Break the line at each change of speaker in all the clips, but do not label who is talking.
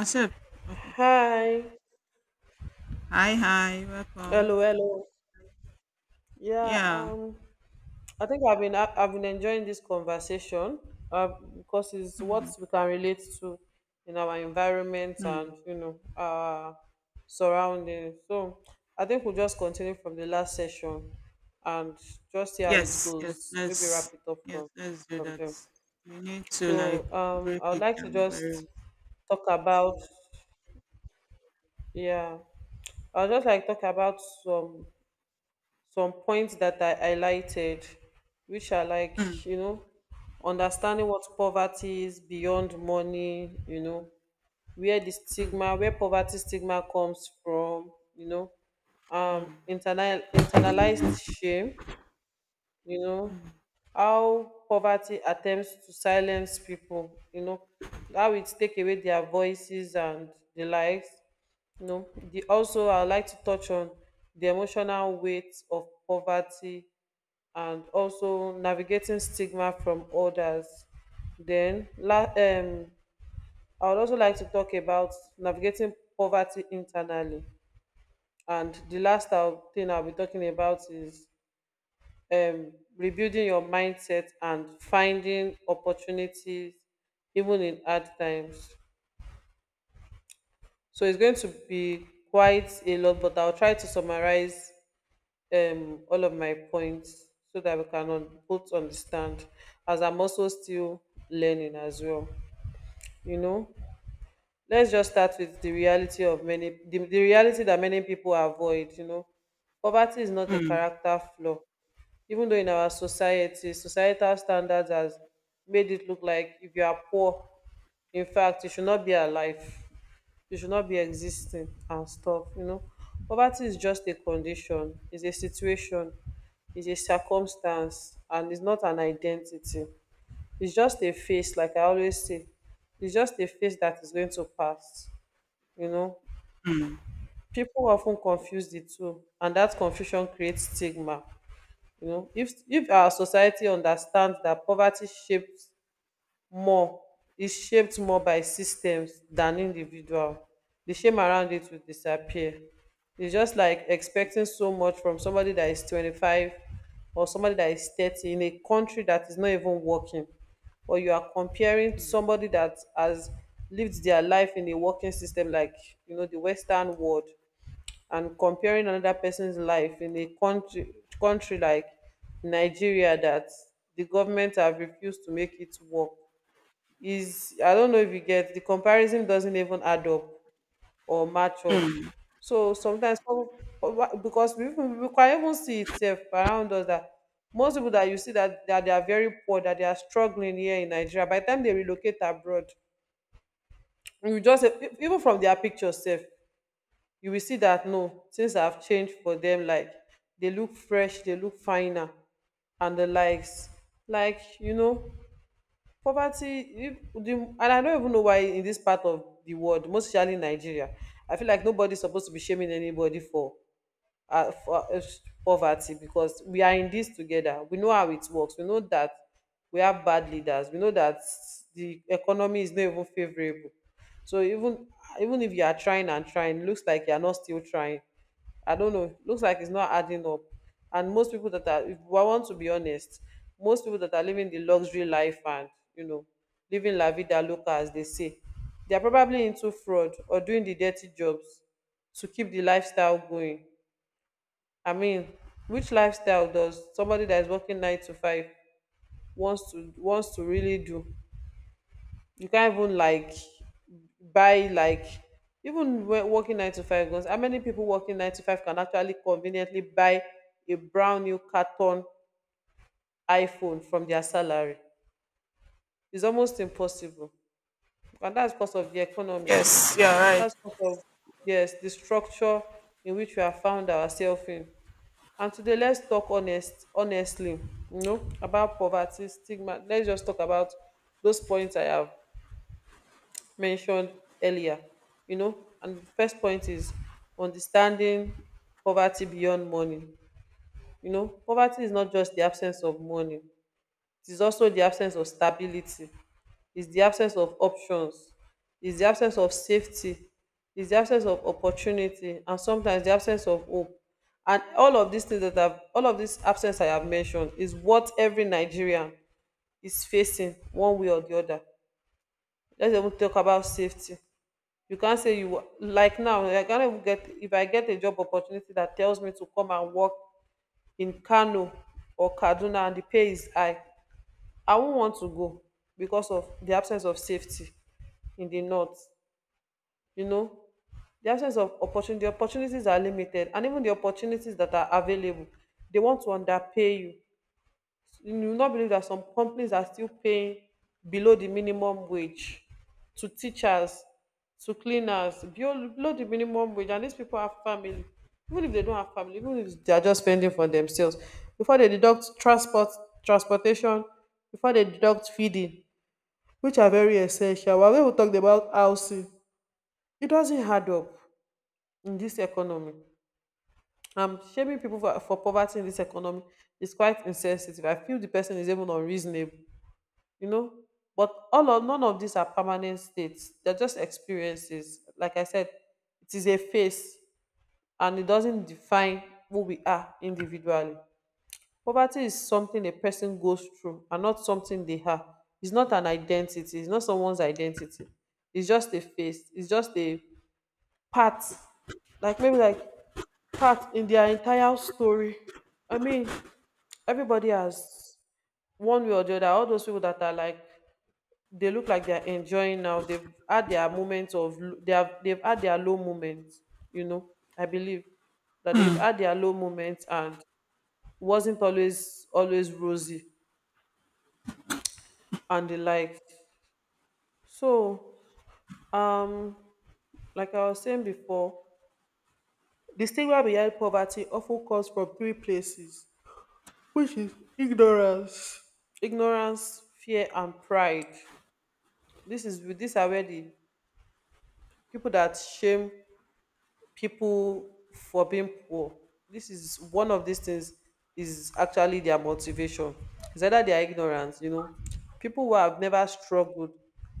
Accept. Okay.
Hi.
Hi, hi, welcome.
Hello, hello. Yeah,
Yeah.
um, I think I've been enjoying this conversation uh, because it's what
Hmm.
we can relate to in our environment
Hmm.
and you know our surroundings. So I think we'll just continue from the last session and just see how it
Yes,
goes. Maybe wrap it up
yes, let's do
from
that.
them.
We need to
So
like break
I would
it
like to
down very well.
just talk about yeah, I'll just like talk about some points that I highlighted, which are
Hmm.
like, you know, understanding what poverty is beyond money, you know, where the
Hmm.
stigma, where poverty stigma comes from, you know,
Hmm.
internal, internalized shame, you know, how poverty attempts to silence people, you know, how it take away their voices and the likes. You know, the also I like to touch on the emotional weight of poverty and also navigating stigma from others. Then, I would also like to talk about navigating poverty internally. And the thing I'll be talking about is rebuilding your mindset and finding opportunities even in hard times. So it's going to be quite a lot, but I'll try to summarize all of my points so that we can un- both understand as I'm also still learning as well, you know. Let's just start with the reality of the reality that many people avoid, you know. Poverty is not a
Hmm.
character flaw, even though in our society societal standards has made it look like if you are poor, in fact you should not be alive, you should not be existing and stuff, you know. Poverty is just a condition, it's a situation, it's a circumstance, and it's not an identity. It's just a face, like I always say, it's just a face that is going to pass, you know.
Hmm.
People often confuse the two and that confusion creates stigma, you know. If our society understands that poverty shapes more is shaped more by systems than individual, the shame around it will disappear. It's just like expecting so much from somebody that is 25 or somebody that is 30 in a country that is not even working, or you are comparing
Hmm.
somebody that has lived their life in a working system like, you know, the western world, and comparing another person's life in a country like Nigeria that the government have refused to make it work. Is, I don't know if you get the comparison, doesn't even add up or match up.
Hmm.
So sometimes because we can even see itself around us that most people that you see that, that they are very poor, that they are struggling here in Nigeria, by the time they relocate abroad, you just even from their pictures self, you will see that no, things have changed for them. Like they look fresh, they look finer and the likes. Like, you know, poverty, if the, and I don't even know why in this part of the world, most especially Nigeria, I feel like nobody's supposed to be shaming anybody for uh, for uh, poverty, because we are in this together. We know how it works. We know that we have bad leaders. We know that the economy is not even favorable. So even even if you are trying and trying, looks like you are not still trying. I don't know. Looks like it's not adding up. And most people that are, if I want to be honest, most people that are living the luxury life and, you know, living la vida loca as they say, they are probably into fraud or doing the dirty jobs to keep the lifestyle going. I mean, which lifestyle does somebody that is working nine to five wants to really do? You can't even like buy like even when working nine to five goes. How many people working nine to five can actually conveniently buy a brand new carton iPhone from their salary? It's almost impossible, and that's because of the economy.
Yes, yeah, right.
That's because of, yes, the structure in which we have found ourselves in. And today let's talk honest honestly, you know, about poverty, stigma. Let's just talk about those points I have mentioned earlier, you know. And the first point is understanding poverty beyond money. You know, poverty is not just the absence of money, it is also the absence of stability, is the absence of options, is the absence of safety, is the absence of opportunity, and sometimes the absence of hope. And all of these things that all of this absence I have mentioned is what every Nigerian is facing one way or the other. Let's even talk about safety. You can't say you wa- like now. I can't even get if I get a job opportunity that tells me to come and work in Kano or Kaduna and the pay is high. I won't want to go because of the absence of safety in the north. You know, the absence of opportunity, the opportunities are limited, and even the opportunities that are available, they want to underpay you. You will not believe that some companies are still paying below the minimum wage, to teachers, to cleaners, below the minimum wage, and these people have family. Even if they don't have family, even if they are just spending for themselves, before they deduct transportation, before they deduct feeding, which are very essential. While we will talk about housing, it doesn't add up in this economy. Shaming people for poverty in this economy is quite insensitive. I feel the person is even unreasonable, you know. But all of none of these are permanent states. They're just experiences. Like I said, it is a phase and it doesn't define who we are individually. Poverty is something a person goes through and not something they have. It's not an identity, it's not someone's identity. It's just a face, it's just a part, like maybe like part in their entire story. I mean, everybody has one way or the other. All those people that are like they look like they're enjoying now. They've had their low moments, you know. I believe that they've
Hmm.
had their low moments and wasn't always rosy and the likes. So, um, like I was saying before, the stigma behind poverty often comes from three places, which is ignorance, fear, and pride. This is these are where the people that shame people for being poor. This is one of these things is actually their motivation. It's either their ignorance, you know. People who have never struggled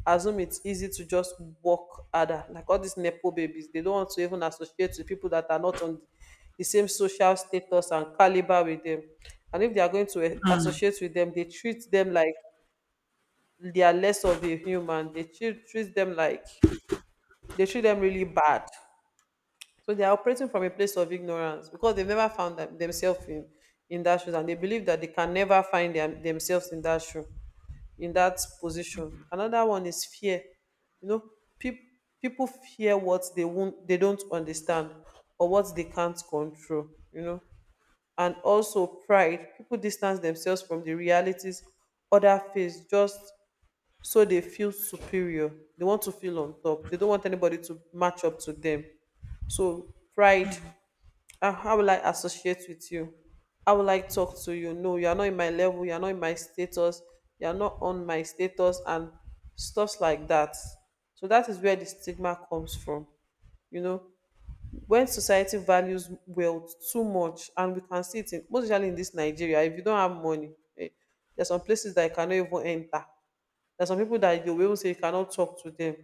assume it's easy to just work harder. Like all these Nepo babies, they don't want to even associate with people that are not on the same social status and caliber with them. And if they are going to
Hmm.
associate with them, they treat them like they are less of a human. They treat them like they treat them really bad. So they are operating from a place of ignorance because they've never found themselves in that shoes, and they believe that they can never find themselves in that shoe, in that position. Another one is fear. You know, peop people fear what they won't, they don't understand or what they can't control, you know. And also pride. People distance themselves from the realities other face just so they feel superior. They want to feel on top. They don't want anybody to match up to them. So pride,
Hmm.
ah, how will I associate with you, how will I talk to you, no, you are not in my level, you are not in my status, you are not on my status and stuffs like that. So that is where the stigma comes from, you know. When society values wealth too much, and we can see it in, most especially in this Nigeria, if you don't have money, eh, there are some places that you cannot even enter. There are some people that you will even say you cannot talk to them,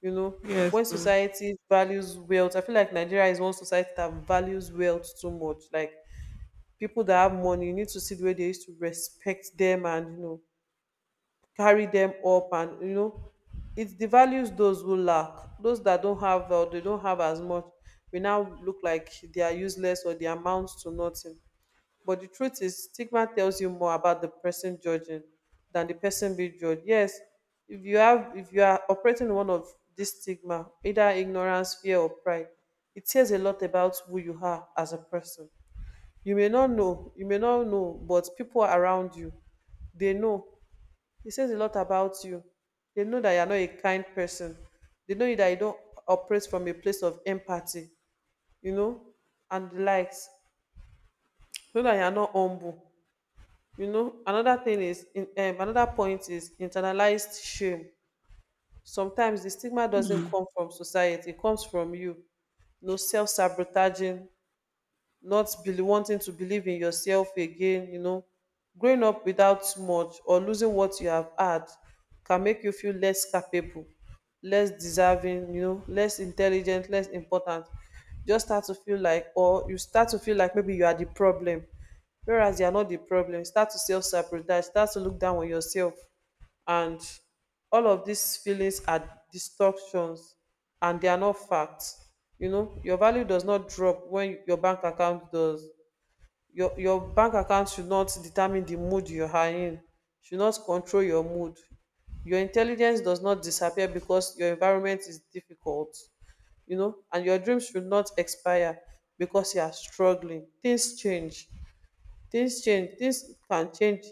you know.
Yes.
When
Oh.
society values wealth, I feel like Nigeria is one society that values wealth too much. Like people that have money, you need to see the way they used to respect them, and you know, carry them up, and you know, it devalues those who lack. Those that don't have or they don't have as much, we now look like they are useless or they amount to nothing. But the truth is, stigma tells you more about the person judging than the person being judged. Yes, if you have, if you are operating in one of this stigma, either ignorance, fear, or pride, it says a lot about who you are as a person. You may not know, you may not know, but people around you, they know. It says a lot about you. They know that you are not a kind person. They know that you don't operate from a place of empathy, you know, and the likes. Know that you are not humble. You know, another thing is another point is internalized shame. Sometimes the stigma doesn't
Hmm.
come from society, it comes from you. No, self-sabotaging, not bel- wanting to believe in yourself again, you know. Growing up without much or losing what you have had can make you feel less capable, less deserving, you know, less intelligent, less important. Just start to feel like, or you start to feel like maybe you are the problem, whereas you are not the problem. Start to self-sabotage, start to look down on yourself, and all of these feelings are distortions, and they are not facts. You know, your value does not drop when your bank account does. Your bank account should not determine the mood you are in, should not control your mood. Your intelligence does not disappear because your environment is difficult, you know, and your dreams should not expire because you are struggling. Things change, things can change.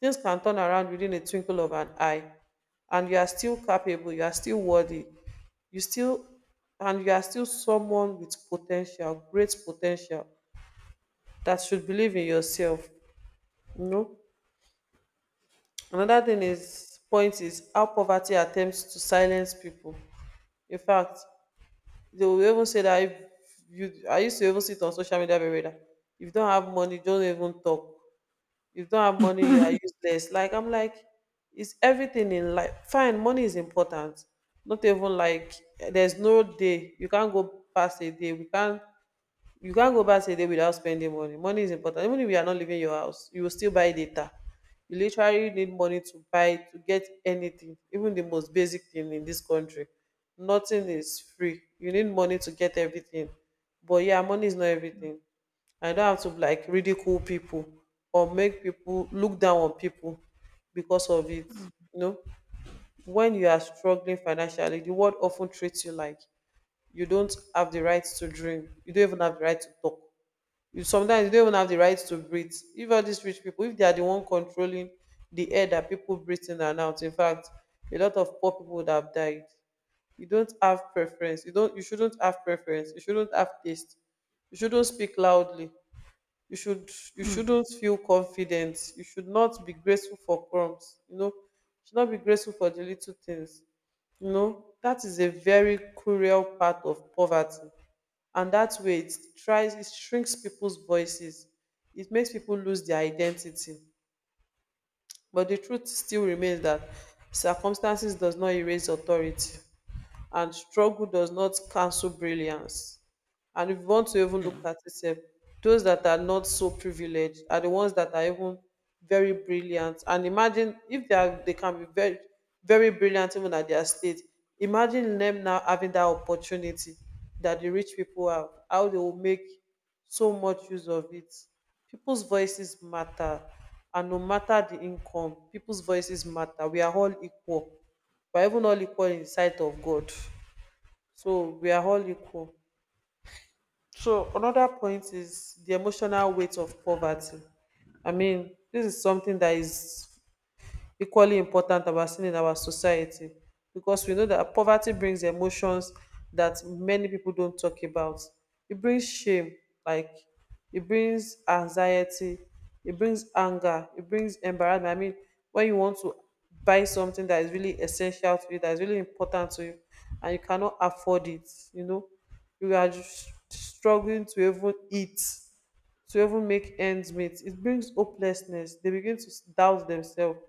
Things can turn around within a twinkle of an eye, and you are still capable, you are still worthy, you still, and you are still someone with potential, great potential, that should believe in yourself. You know, another thing is point is how poverty attempts to silence people. In fact, they will even say that, if you, I used to even see it on social media very well that if you don't have money, don't even talk. If you don't have money, you are useless. Like, I'm like, it's everything in life. Fine, money is important. Not even like, there's no day you can't go past, a day we can't you can't go back a day without spending money. Money is important. Even if you are not leaving your house, you will still buy data. You literally need money to buy to get anything, even the most basic thing in this country. Nothing is free. You need money to get everything. But yeah, money is not everything. I don't have to like ridicule people or make people look down on people because of it. You know, when you are struggling financially, the world often treats you like you don't have the right to dream, you don't even have the right to talk, you sometimes you don't even have the right to breathe. If all these rich people, if they are the one controlling the air that people breathe in and out, in fact, a lot of poor people would have died. You don't have preference, you shouldn't have preference, you shouldn't have taste, you shouldn't speak loudly, you
Hmm.
shouldn't feel confident, you should not be grateful for crumbs, you know, you should not be grateful for the little things. You know, that is a very cruel part of poverty. And that way, it shrinks people's voices, it makes people lose their identity. But the truth still remains that circumstances does not erase authority, and struggle does not cancel brilliance. And if you want to even look
Yeah.
at it, sef, those that are not so privileged are the ones that are even very brilliant. And imagine if they are, they can be very, very brilliant even at their state. Imagine them now having that opportunity that the rich people have, how they will make so much use of it. People's voices matter. And no matter the income, people's voices matter. We are all equal. We are even all equal in the sight of God. So we are all equal. So another point is the emotional weight of poverty. I mean, this is something that is equally important about seen in our society, because we know that poverty brings emotions that many people don't talk about. It brings shame, like it brings anxiety, it brings anger, it brings embarrassment. I mean, when you want to buy something that is really essential to you, that is really important to you, and you cannot afford it, you know, you are just struggling to even eat, to even make ends meet. It brings hopelessness. They begin to doubt themselves.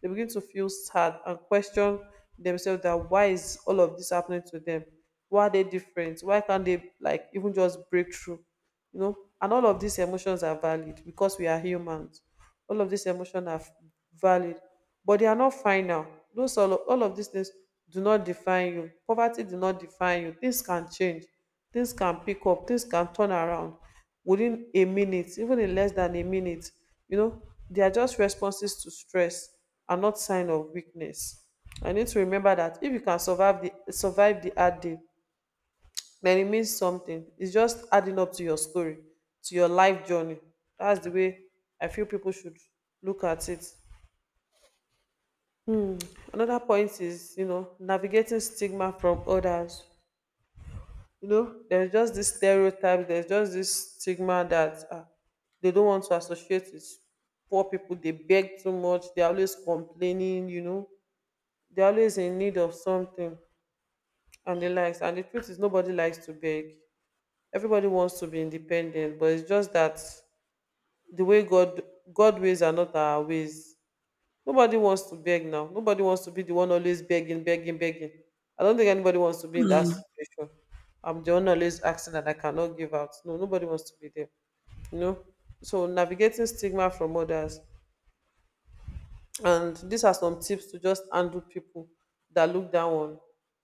They begin to feel sad and question themselves that why is all of this happening to them? Why are they different? Why can't they like even just break through? You know, and all of these emotions are valid because we are humans. All of these emotions are valid, but they are not final. All of these things do not define you. Poverty do not define you. Things can change, things can pick up, things can turn around within a minute, even in less than a minute, you know. They are just responses to stress, and not sign of weakness. I need to remember that if you can survive the hard day, then it means something. It's just adding up to your story, to your life journey. That's the way I feel people should look at it. Another point is, you know, navigating stigma from others. You know, there's just this stereotype, there's just this stigma that they don't want to associate with poor people. They beg too much, they're always complaining, you know, they're always in need of something and the likes. And the truth is, nobody likes to beg. Everybody wants to be independent, but it's just that the way God ways are not our ways. Nobody wants to beg now. Nobody wants to be the one always begging, begging, begging. I don't think anybody wants to be in that
Hmm.
situation. I'm the one always asking that I cannot give out. No, nobody wants to be there. You know? So navigating stigma from others. And these are some tips to just handle people that look down on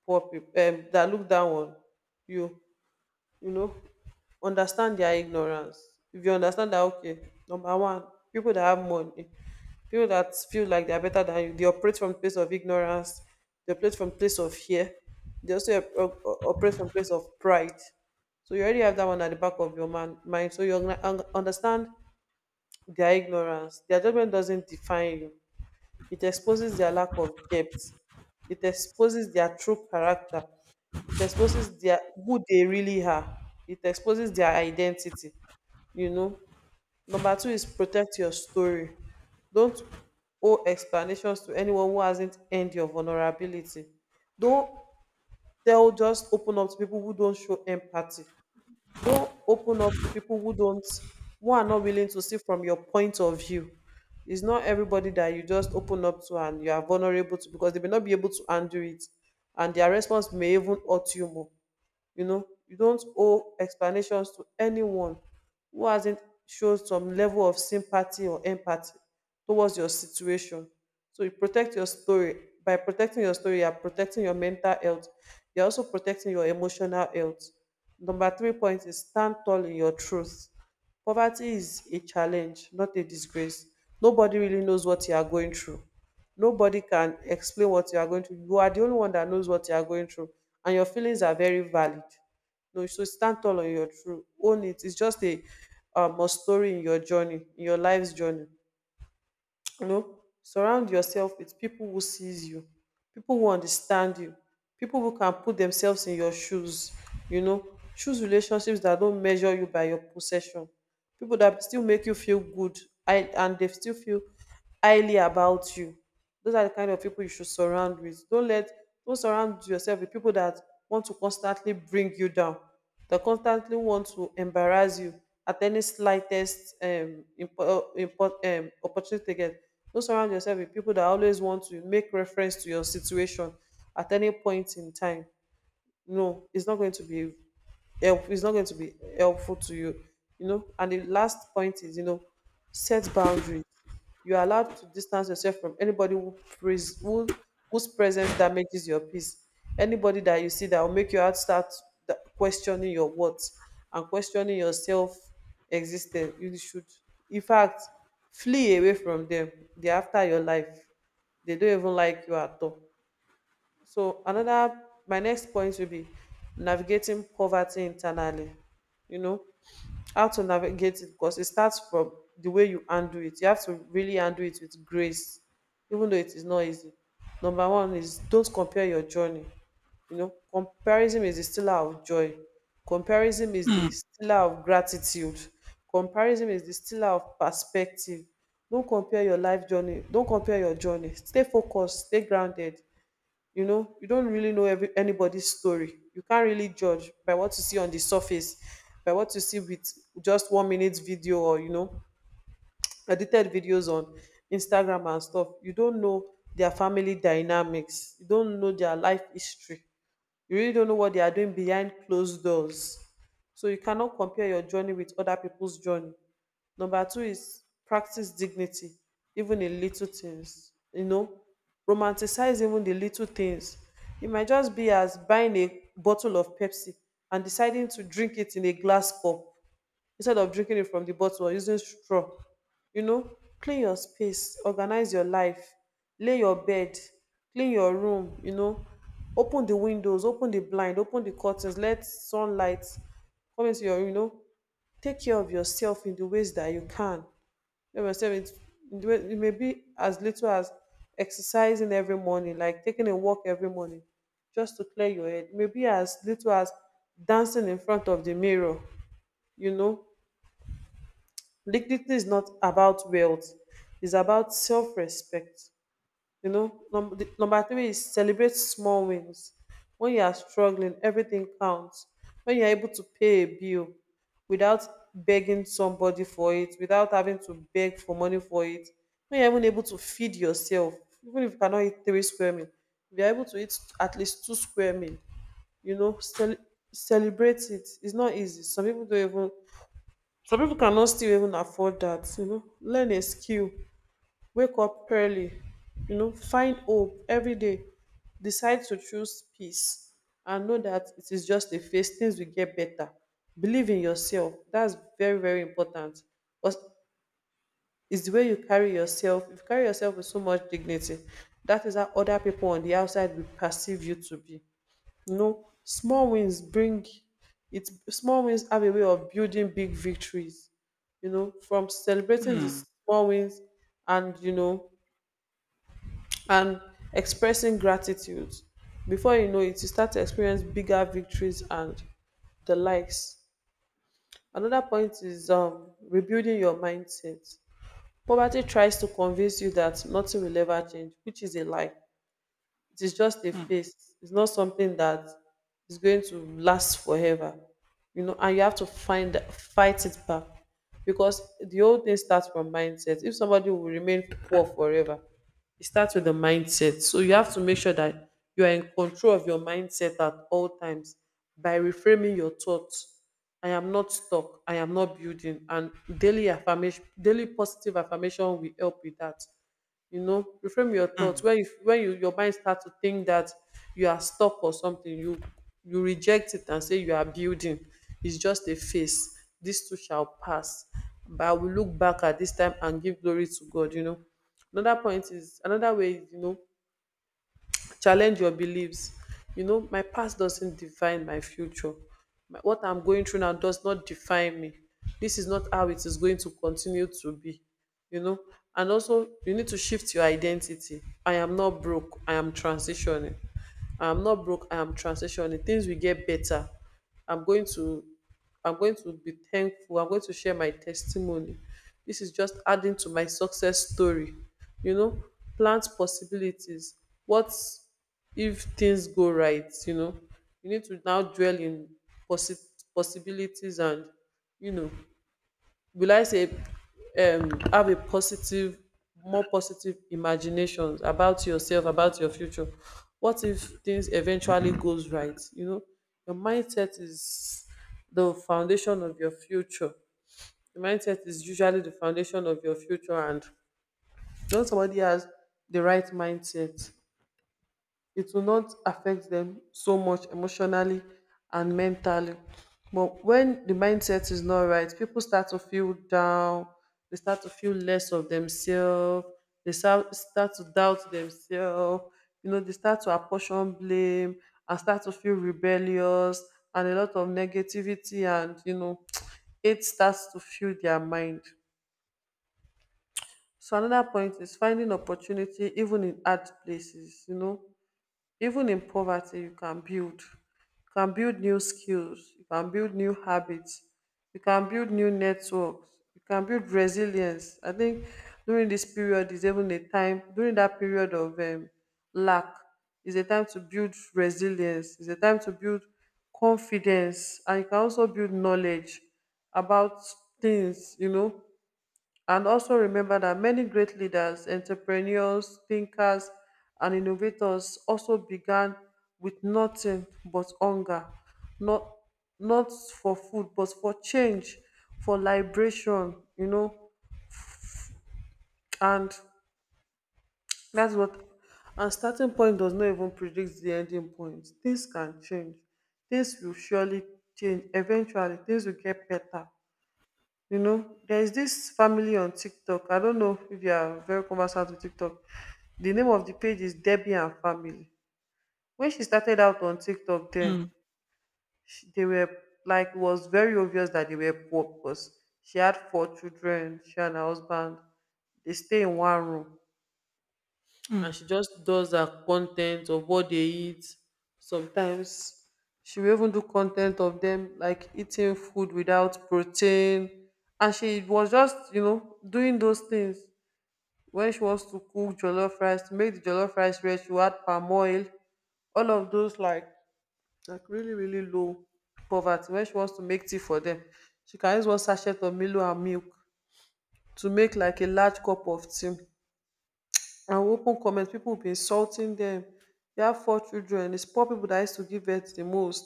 poor people, that look down on you, you know. Understand their ignorance. If you understand that, okay, number one, people that have money, people that feel like they're better than you, they operate from place of ignorance, they operate from place of fear, they also operate from place of pride. So you already have that one at the back of your mind, so you understand their ignorance. Their judgment doesn't define you, it exposes their lack of depth. It exposes their true character. It exposes their who they really are. It exposes their identity. You know. Number two is protect your story. Don't owe explanations to anyone who hasn't earned your vulnerability. Don't tell just open up to people who don't show empathy, don't open up to people who are not willing to see from your point of view. It's not everybody that you just open up to and you are vulnerable to, because they may not be able to undo it, and their response may even hurt you more. You know, you don't owe explanations to anyone who hasn't shown some level of sympathy or empathy towards your situation. So you protect your story. By protecting your story, you're protecting your mental health, you're also protecting your emotional health. Number three point is stand tall in your truth. Poverty is a challenge, not a disgrace. Nobody really knows what you are going through, nobody can explain what you are going through. You are the only one that knows what you are going through, and your feelings are very valid. No, so stand tall on your truth, own it. It's just a, a story in your journey, in your life's journey. You know, surround yourself with people who sees you, people who understand you, people who can put themselves in your shoes. You know, choose relationships that don't measure you by your possession, people that still make you feel good, and they still feel highly about you. Those are the kind of people you should surround with. Don't surround yourself with people that want to constantly bring you down, they constantly want to embarrass you at any slightest opportunity they get. Don't surround yourself with people that always want to make reference to your situation at any point in time. No, it's not going to be help it's not going to be helpful to you, you know. And the last point is, you know, set boundaries. You're allowed to distance yourself from anybody who whose presence damages your peace. Anybody that you see that will make your heart start questioning your worth, and questioning your self existence, you should, in fact, flee away from them. They're after your life, they don't even like you at all. So another my next point will be navigating poverty internally. You know, how to navigate it, because it starts from the way you undo it. You have to really undo it with grace, even though it is not easy. Number one is don't compare your journey. Comparison is the stealer of joy. Comparison is
Hmm.
the stealer of gratitude. Comparison is the stealer of perspective. Don't compare your life journey. Don't compare your journey. Stay focused. Stay grounded. You don't really know every, anybody's story. You can't really judge by what you see on the surface, by what you see with just 1-minute video, or edited videos on Instagram and stuff. You don't know their family dynamics, you don't know their life history, you really don't know what they are doing behind closed doors. So you cannot compare your journey with other people's journey. Number two is practice dignity, even in little things. Romanticize even the little things. It might just be as buying a bottle of Pepsi and deciding to drink it in a glass cup instead of drinking it from the bottle or using straw. Clean your space, organize your life, lay your bed, clean your room, open the windows, open the blind, open the curtains, let sunlight come into your, take care of yourself in the ways that you can. Let yourself in the way, it may be as little as exercising every morning, like taking a walk every morning, just to clear your head. Maybe as little as dancing in front of the mirror, you know, dignity is not about wealth, it's about self respect. Number three is celebrate small wins. When you are struggling, everything counts. When you are able to pay a bill without begging somebody for it, without having to beg for money for it, when you're even able to feed yourself, even if you cannot eat three square meal, if you're able to eat at least two square meal, you know, celebrate it. It's not easy. Some people don't even, some people cannot still even afford that, you know. Learn a skill, wake up early, you know. Find hope every day, decide to choose peace, and know that it is just a phase, things will get better. Believe in yourself. That's very very important. Cause its the way you carry yourself, if you carry yourself with so much dignity, that is how other people on the outside will perceive you to be, you know. Small wins bring it, small wins have a way of building big victories, you know, from celebrating the
Hmm.
small wins and you know and expressing gratitude, before you know it you start to experience bigger victories and the likes. Another point is rebuilding your mindset. Poverty tries to convince you that nothing will ever change, which is a lie. It is just a
Hmm.
phase. It's not something that is going to last forever. You know, and you have to find fight it back. Because the whole thing starts from mindset. If somebody will remain poor forever, it starts with the mindset. So you have to make sure that you are in control of your mindset at all times by reframing your thoughts. I am not stuck. I am not building. And daily affirmation, daily positive affirmation will help with that. You know, reframe your thoughts
Hmm.
when your mind starts to think that you are stuck or something, you reject it and say you are building, it's just a phase, this too shall pass, but I will look back at this time and give glory to God, you know. Another point is another way is, you know, challenge your beliefs. You know, my past doesn't define my future. What I'm going through now does not define me, this is not how it is going to continue to be, you know. And also you need to shift your identity. I am not broke, I am transitioning. I am not broke, I am transitioning, things will get better. i'm going to I'm going to be thankful, I'm going to share my testimony, this is just adding to my success story, you know. Plant possibilities. What if things go right, you know. You need to now dwell in possi- possibilities and, you know, will I say, have a positive, more positive imaginations about yourself, about your future. What if things eventually goes right? You know, your mindset is the foundation of your future. Your mindset is usually the foundation of your future and when somebody has the right mindset, it will not affect them so much emotionally and mentally. But when the mindset is not right, people start to feel down, they start to feel less of themselves, they start to doubt themselves, they start to apportion blame and start to feel rebellious and a lot of negativity and, it starts to fill their mind. So another point is finding opportunity even in hard places, even in poverty, you can build. You can build new skills. You can build new habits. You can build new networks. You can build resilience. I think during this period is even a time, during that period of lack, is a time to build resilience. Is a time to build confidence. And you can also build knowledge about things, and also remember that many great leaders, entrepreneurs, thinkers, and innovators also began with nothing but hunger, not not for food, but for change, for liberation, you know. And that's what, and starting point does not even predict the ending point. Things can change. Things will surely change. Eventually, things will get better. You know, there is this family on TikTok. I don't know if you are very conversant with TikTok. The name of the page is Debbie and Family. When she started out on TikTok, then
Hmm.
she, they were, like it was very obvious that they were poor because she had four children. She and her husband, they stay in one room,
Hmm.
and she just does her content of what they eat, sometimes she will even do content of them like eating food without protein, and she was just you know doing those things. When she wants to cook jollof rice, to make the jollof rice rich she will add palm oil, all of those, like like really low poverty. When she wants to make tea for them, she can use one sachet of milo and milk to make like a large cup of tea, and open comment pipu be insulting them. E have four children. It's poor people that used to give birth the most.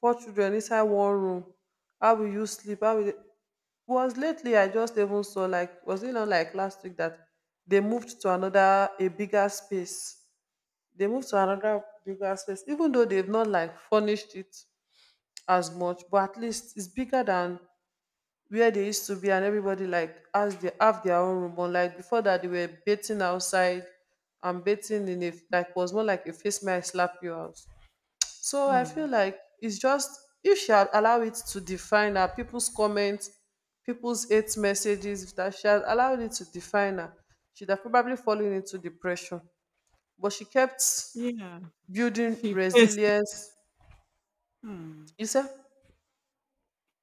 Four children inside one room, how will you sleep, how will dey. Was lately I just even saw like, was it not like last week that they moved to another a bigger space. They moved to another bigger space, even though they've not like furnished it as much, but at least it's bigger than where they used to be, and everybody like has, they have their own room, but like before that they were bathing outside, and bathing in a like was more like a face mask slap you out. So I feel
Hmm.
like it's just, if she had allow it to define her, people's comments, people's hate messages, if that she had allowed it to define her, she'd have probably fallen into depression, but she kept
Yeah.
building
She faced
resilience.
it. Hmm.
You said,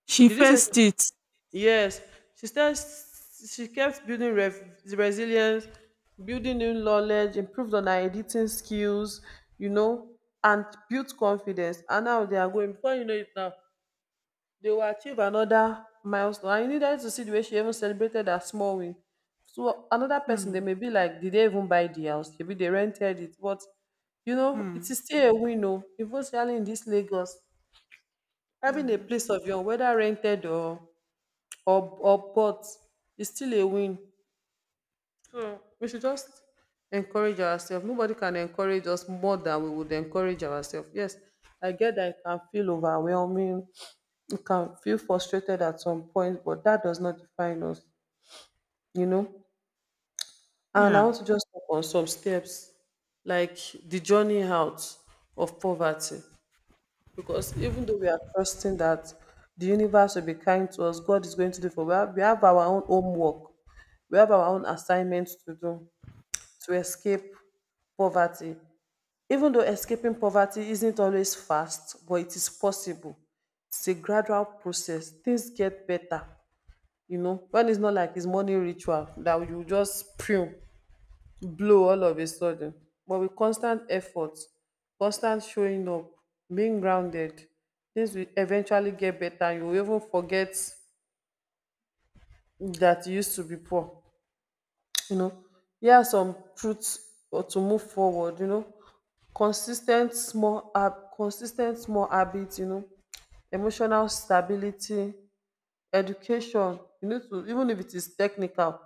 She
did you say
faced
so?
it.
Yes, she says she kept building resilience, building new knowledge, improved on her editing skills, and built confidence. And now they are going, before you know it now, they will achieve another milestone. And you needed to see the way she even celebrated her small win. So another person, they may be like, did they even buy the house? Maybe they rented it. But, you know, it
Hmm.
is still a win, oh, even especially in this Lagos. Having a
Mm.
place of your own, whether rented or or but it's still a win. So we should just encourage ourselves. Nobody can encourage us more than we would encourage ourselves. Yes, I get that it can feel overwhelming, it can feel frustrated at some point, but that does not define us, you know. And I
Yeah,
want to just talk on some steps like the journey out of poverty. Because even though we are trusting that the universe will be kind to us, God is going to do for we have our own homework, we have our own assignments to do to escape poverty. Even though escaping poverty isn't always fast, but it is possible. It's a gradual process. Things get better, you know. When it's not like it's morning ritual that you just pray blow all of a sudden, but with constant effort, constant showing up, being grounded, things will eventually get better and you will even forget that you used to be poor, you know. Here are some truths or to move forward, you know, consis ten t small habit, you know, emotional stability. Education, you need to, even if it is technical,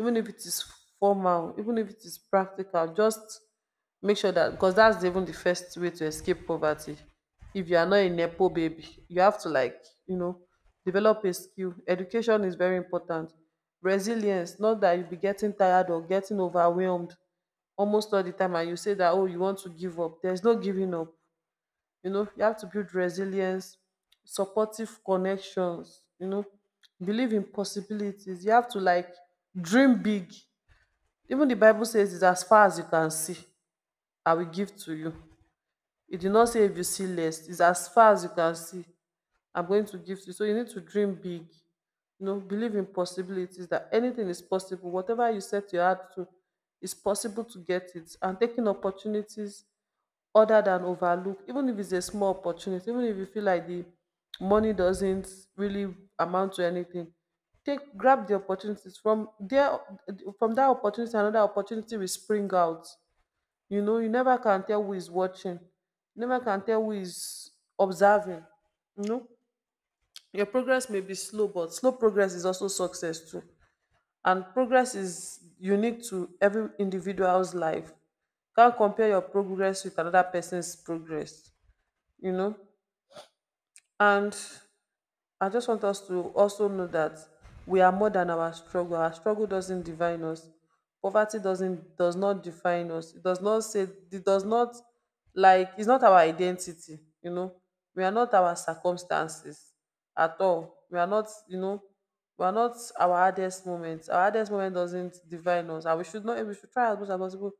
even if it is formal, even if it is practical, just make sure that, because that's even the first way to escape poverty. If you are not a Nepo baby, you have to like, you know, develop a skill. Education is very important. Resilience, not that you be getting tired or getting overwhelmed almost all the time and you say that, oh, you want to give up. There's no giving up. You know, you have to build resilience, supportive connections, you know, believe in possibilities. You have to like dream big. Even the Bible says it's as far as you can see, I will give to you. It did not say if you see less, it's as far as you can see, I'm going to give to you. So you need to dream big. You know, believe in possibilities that anything is possible. Whatever you set your heart to, it's possible to get it. And taking opportunities other than overlook, even if it's a small opportunity, even if you feel like the money doesn't really amount to anything, take grab the opportunities from there, from that opportunity another opportunity will spring out, you know. You never can tell who is watching, you never can tell who is observing, you know. Your progress may be slow but slow progress is also success too, and progress is unique to every individual's life. Can't compare your progress with another person's progress, you know. And I just want us to also know that we are more than our struggle, our struggle doesn't define us, poverty doesn't does not define us, it does not say it does not, like it's not our identity, you know. We are not our circumstances at all, we are not, you know, we are not our hardest moment, our hardest moment doesn't define us, and we should not, we should try as much as possible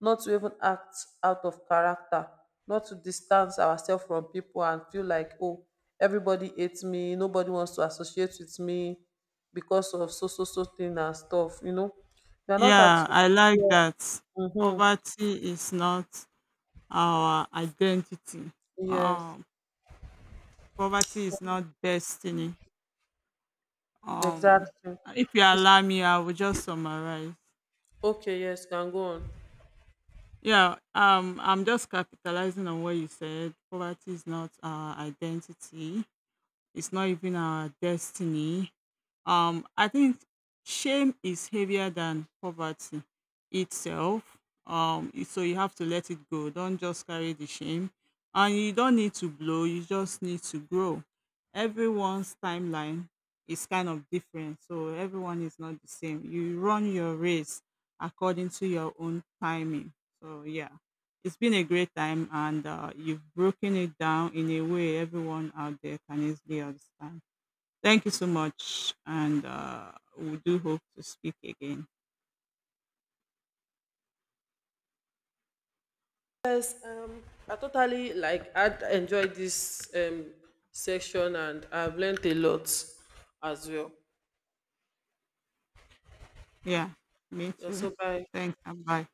not to even act out of character, not to distance ourselves from people and feel like, oh, everybody hates me, nobody wants to associate with me because of so so so thing and stuff, you know. You are not at,
yeah, I like
yeah.
that.
Mm-hmm.
Poverty is not our identity.
Yes,
Um, Poverty is not destiny. Um,
exactly.
if you
It's,
allow me, I will just summarize.
okay, yes, can go on.
Yeah, I'm just capitalizing on what you said. Poverty is not our identity. It's not even our destiny. I think shame is heavier than poverty itself. So you have to let it go. Don't just carry the shame, and you don't need to blow. You just need to grow. Everyone's timeline is kind of different, so everyone is not the same. You run your race according to your own timing. So yeah. It's been a great time, and you've broken it down in a way everyone out there can easily understand. Thank you so much, and we do hope to speak again.
Yes, I totally like I enjoyed this section and I've learned a lot as well.
Yeah, me
Yeah,
too.
so bye.
Thanks, and bye.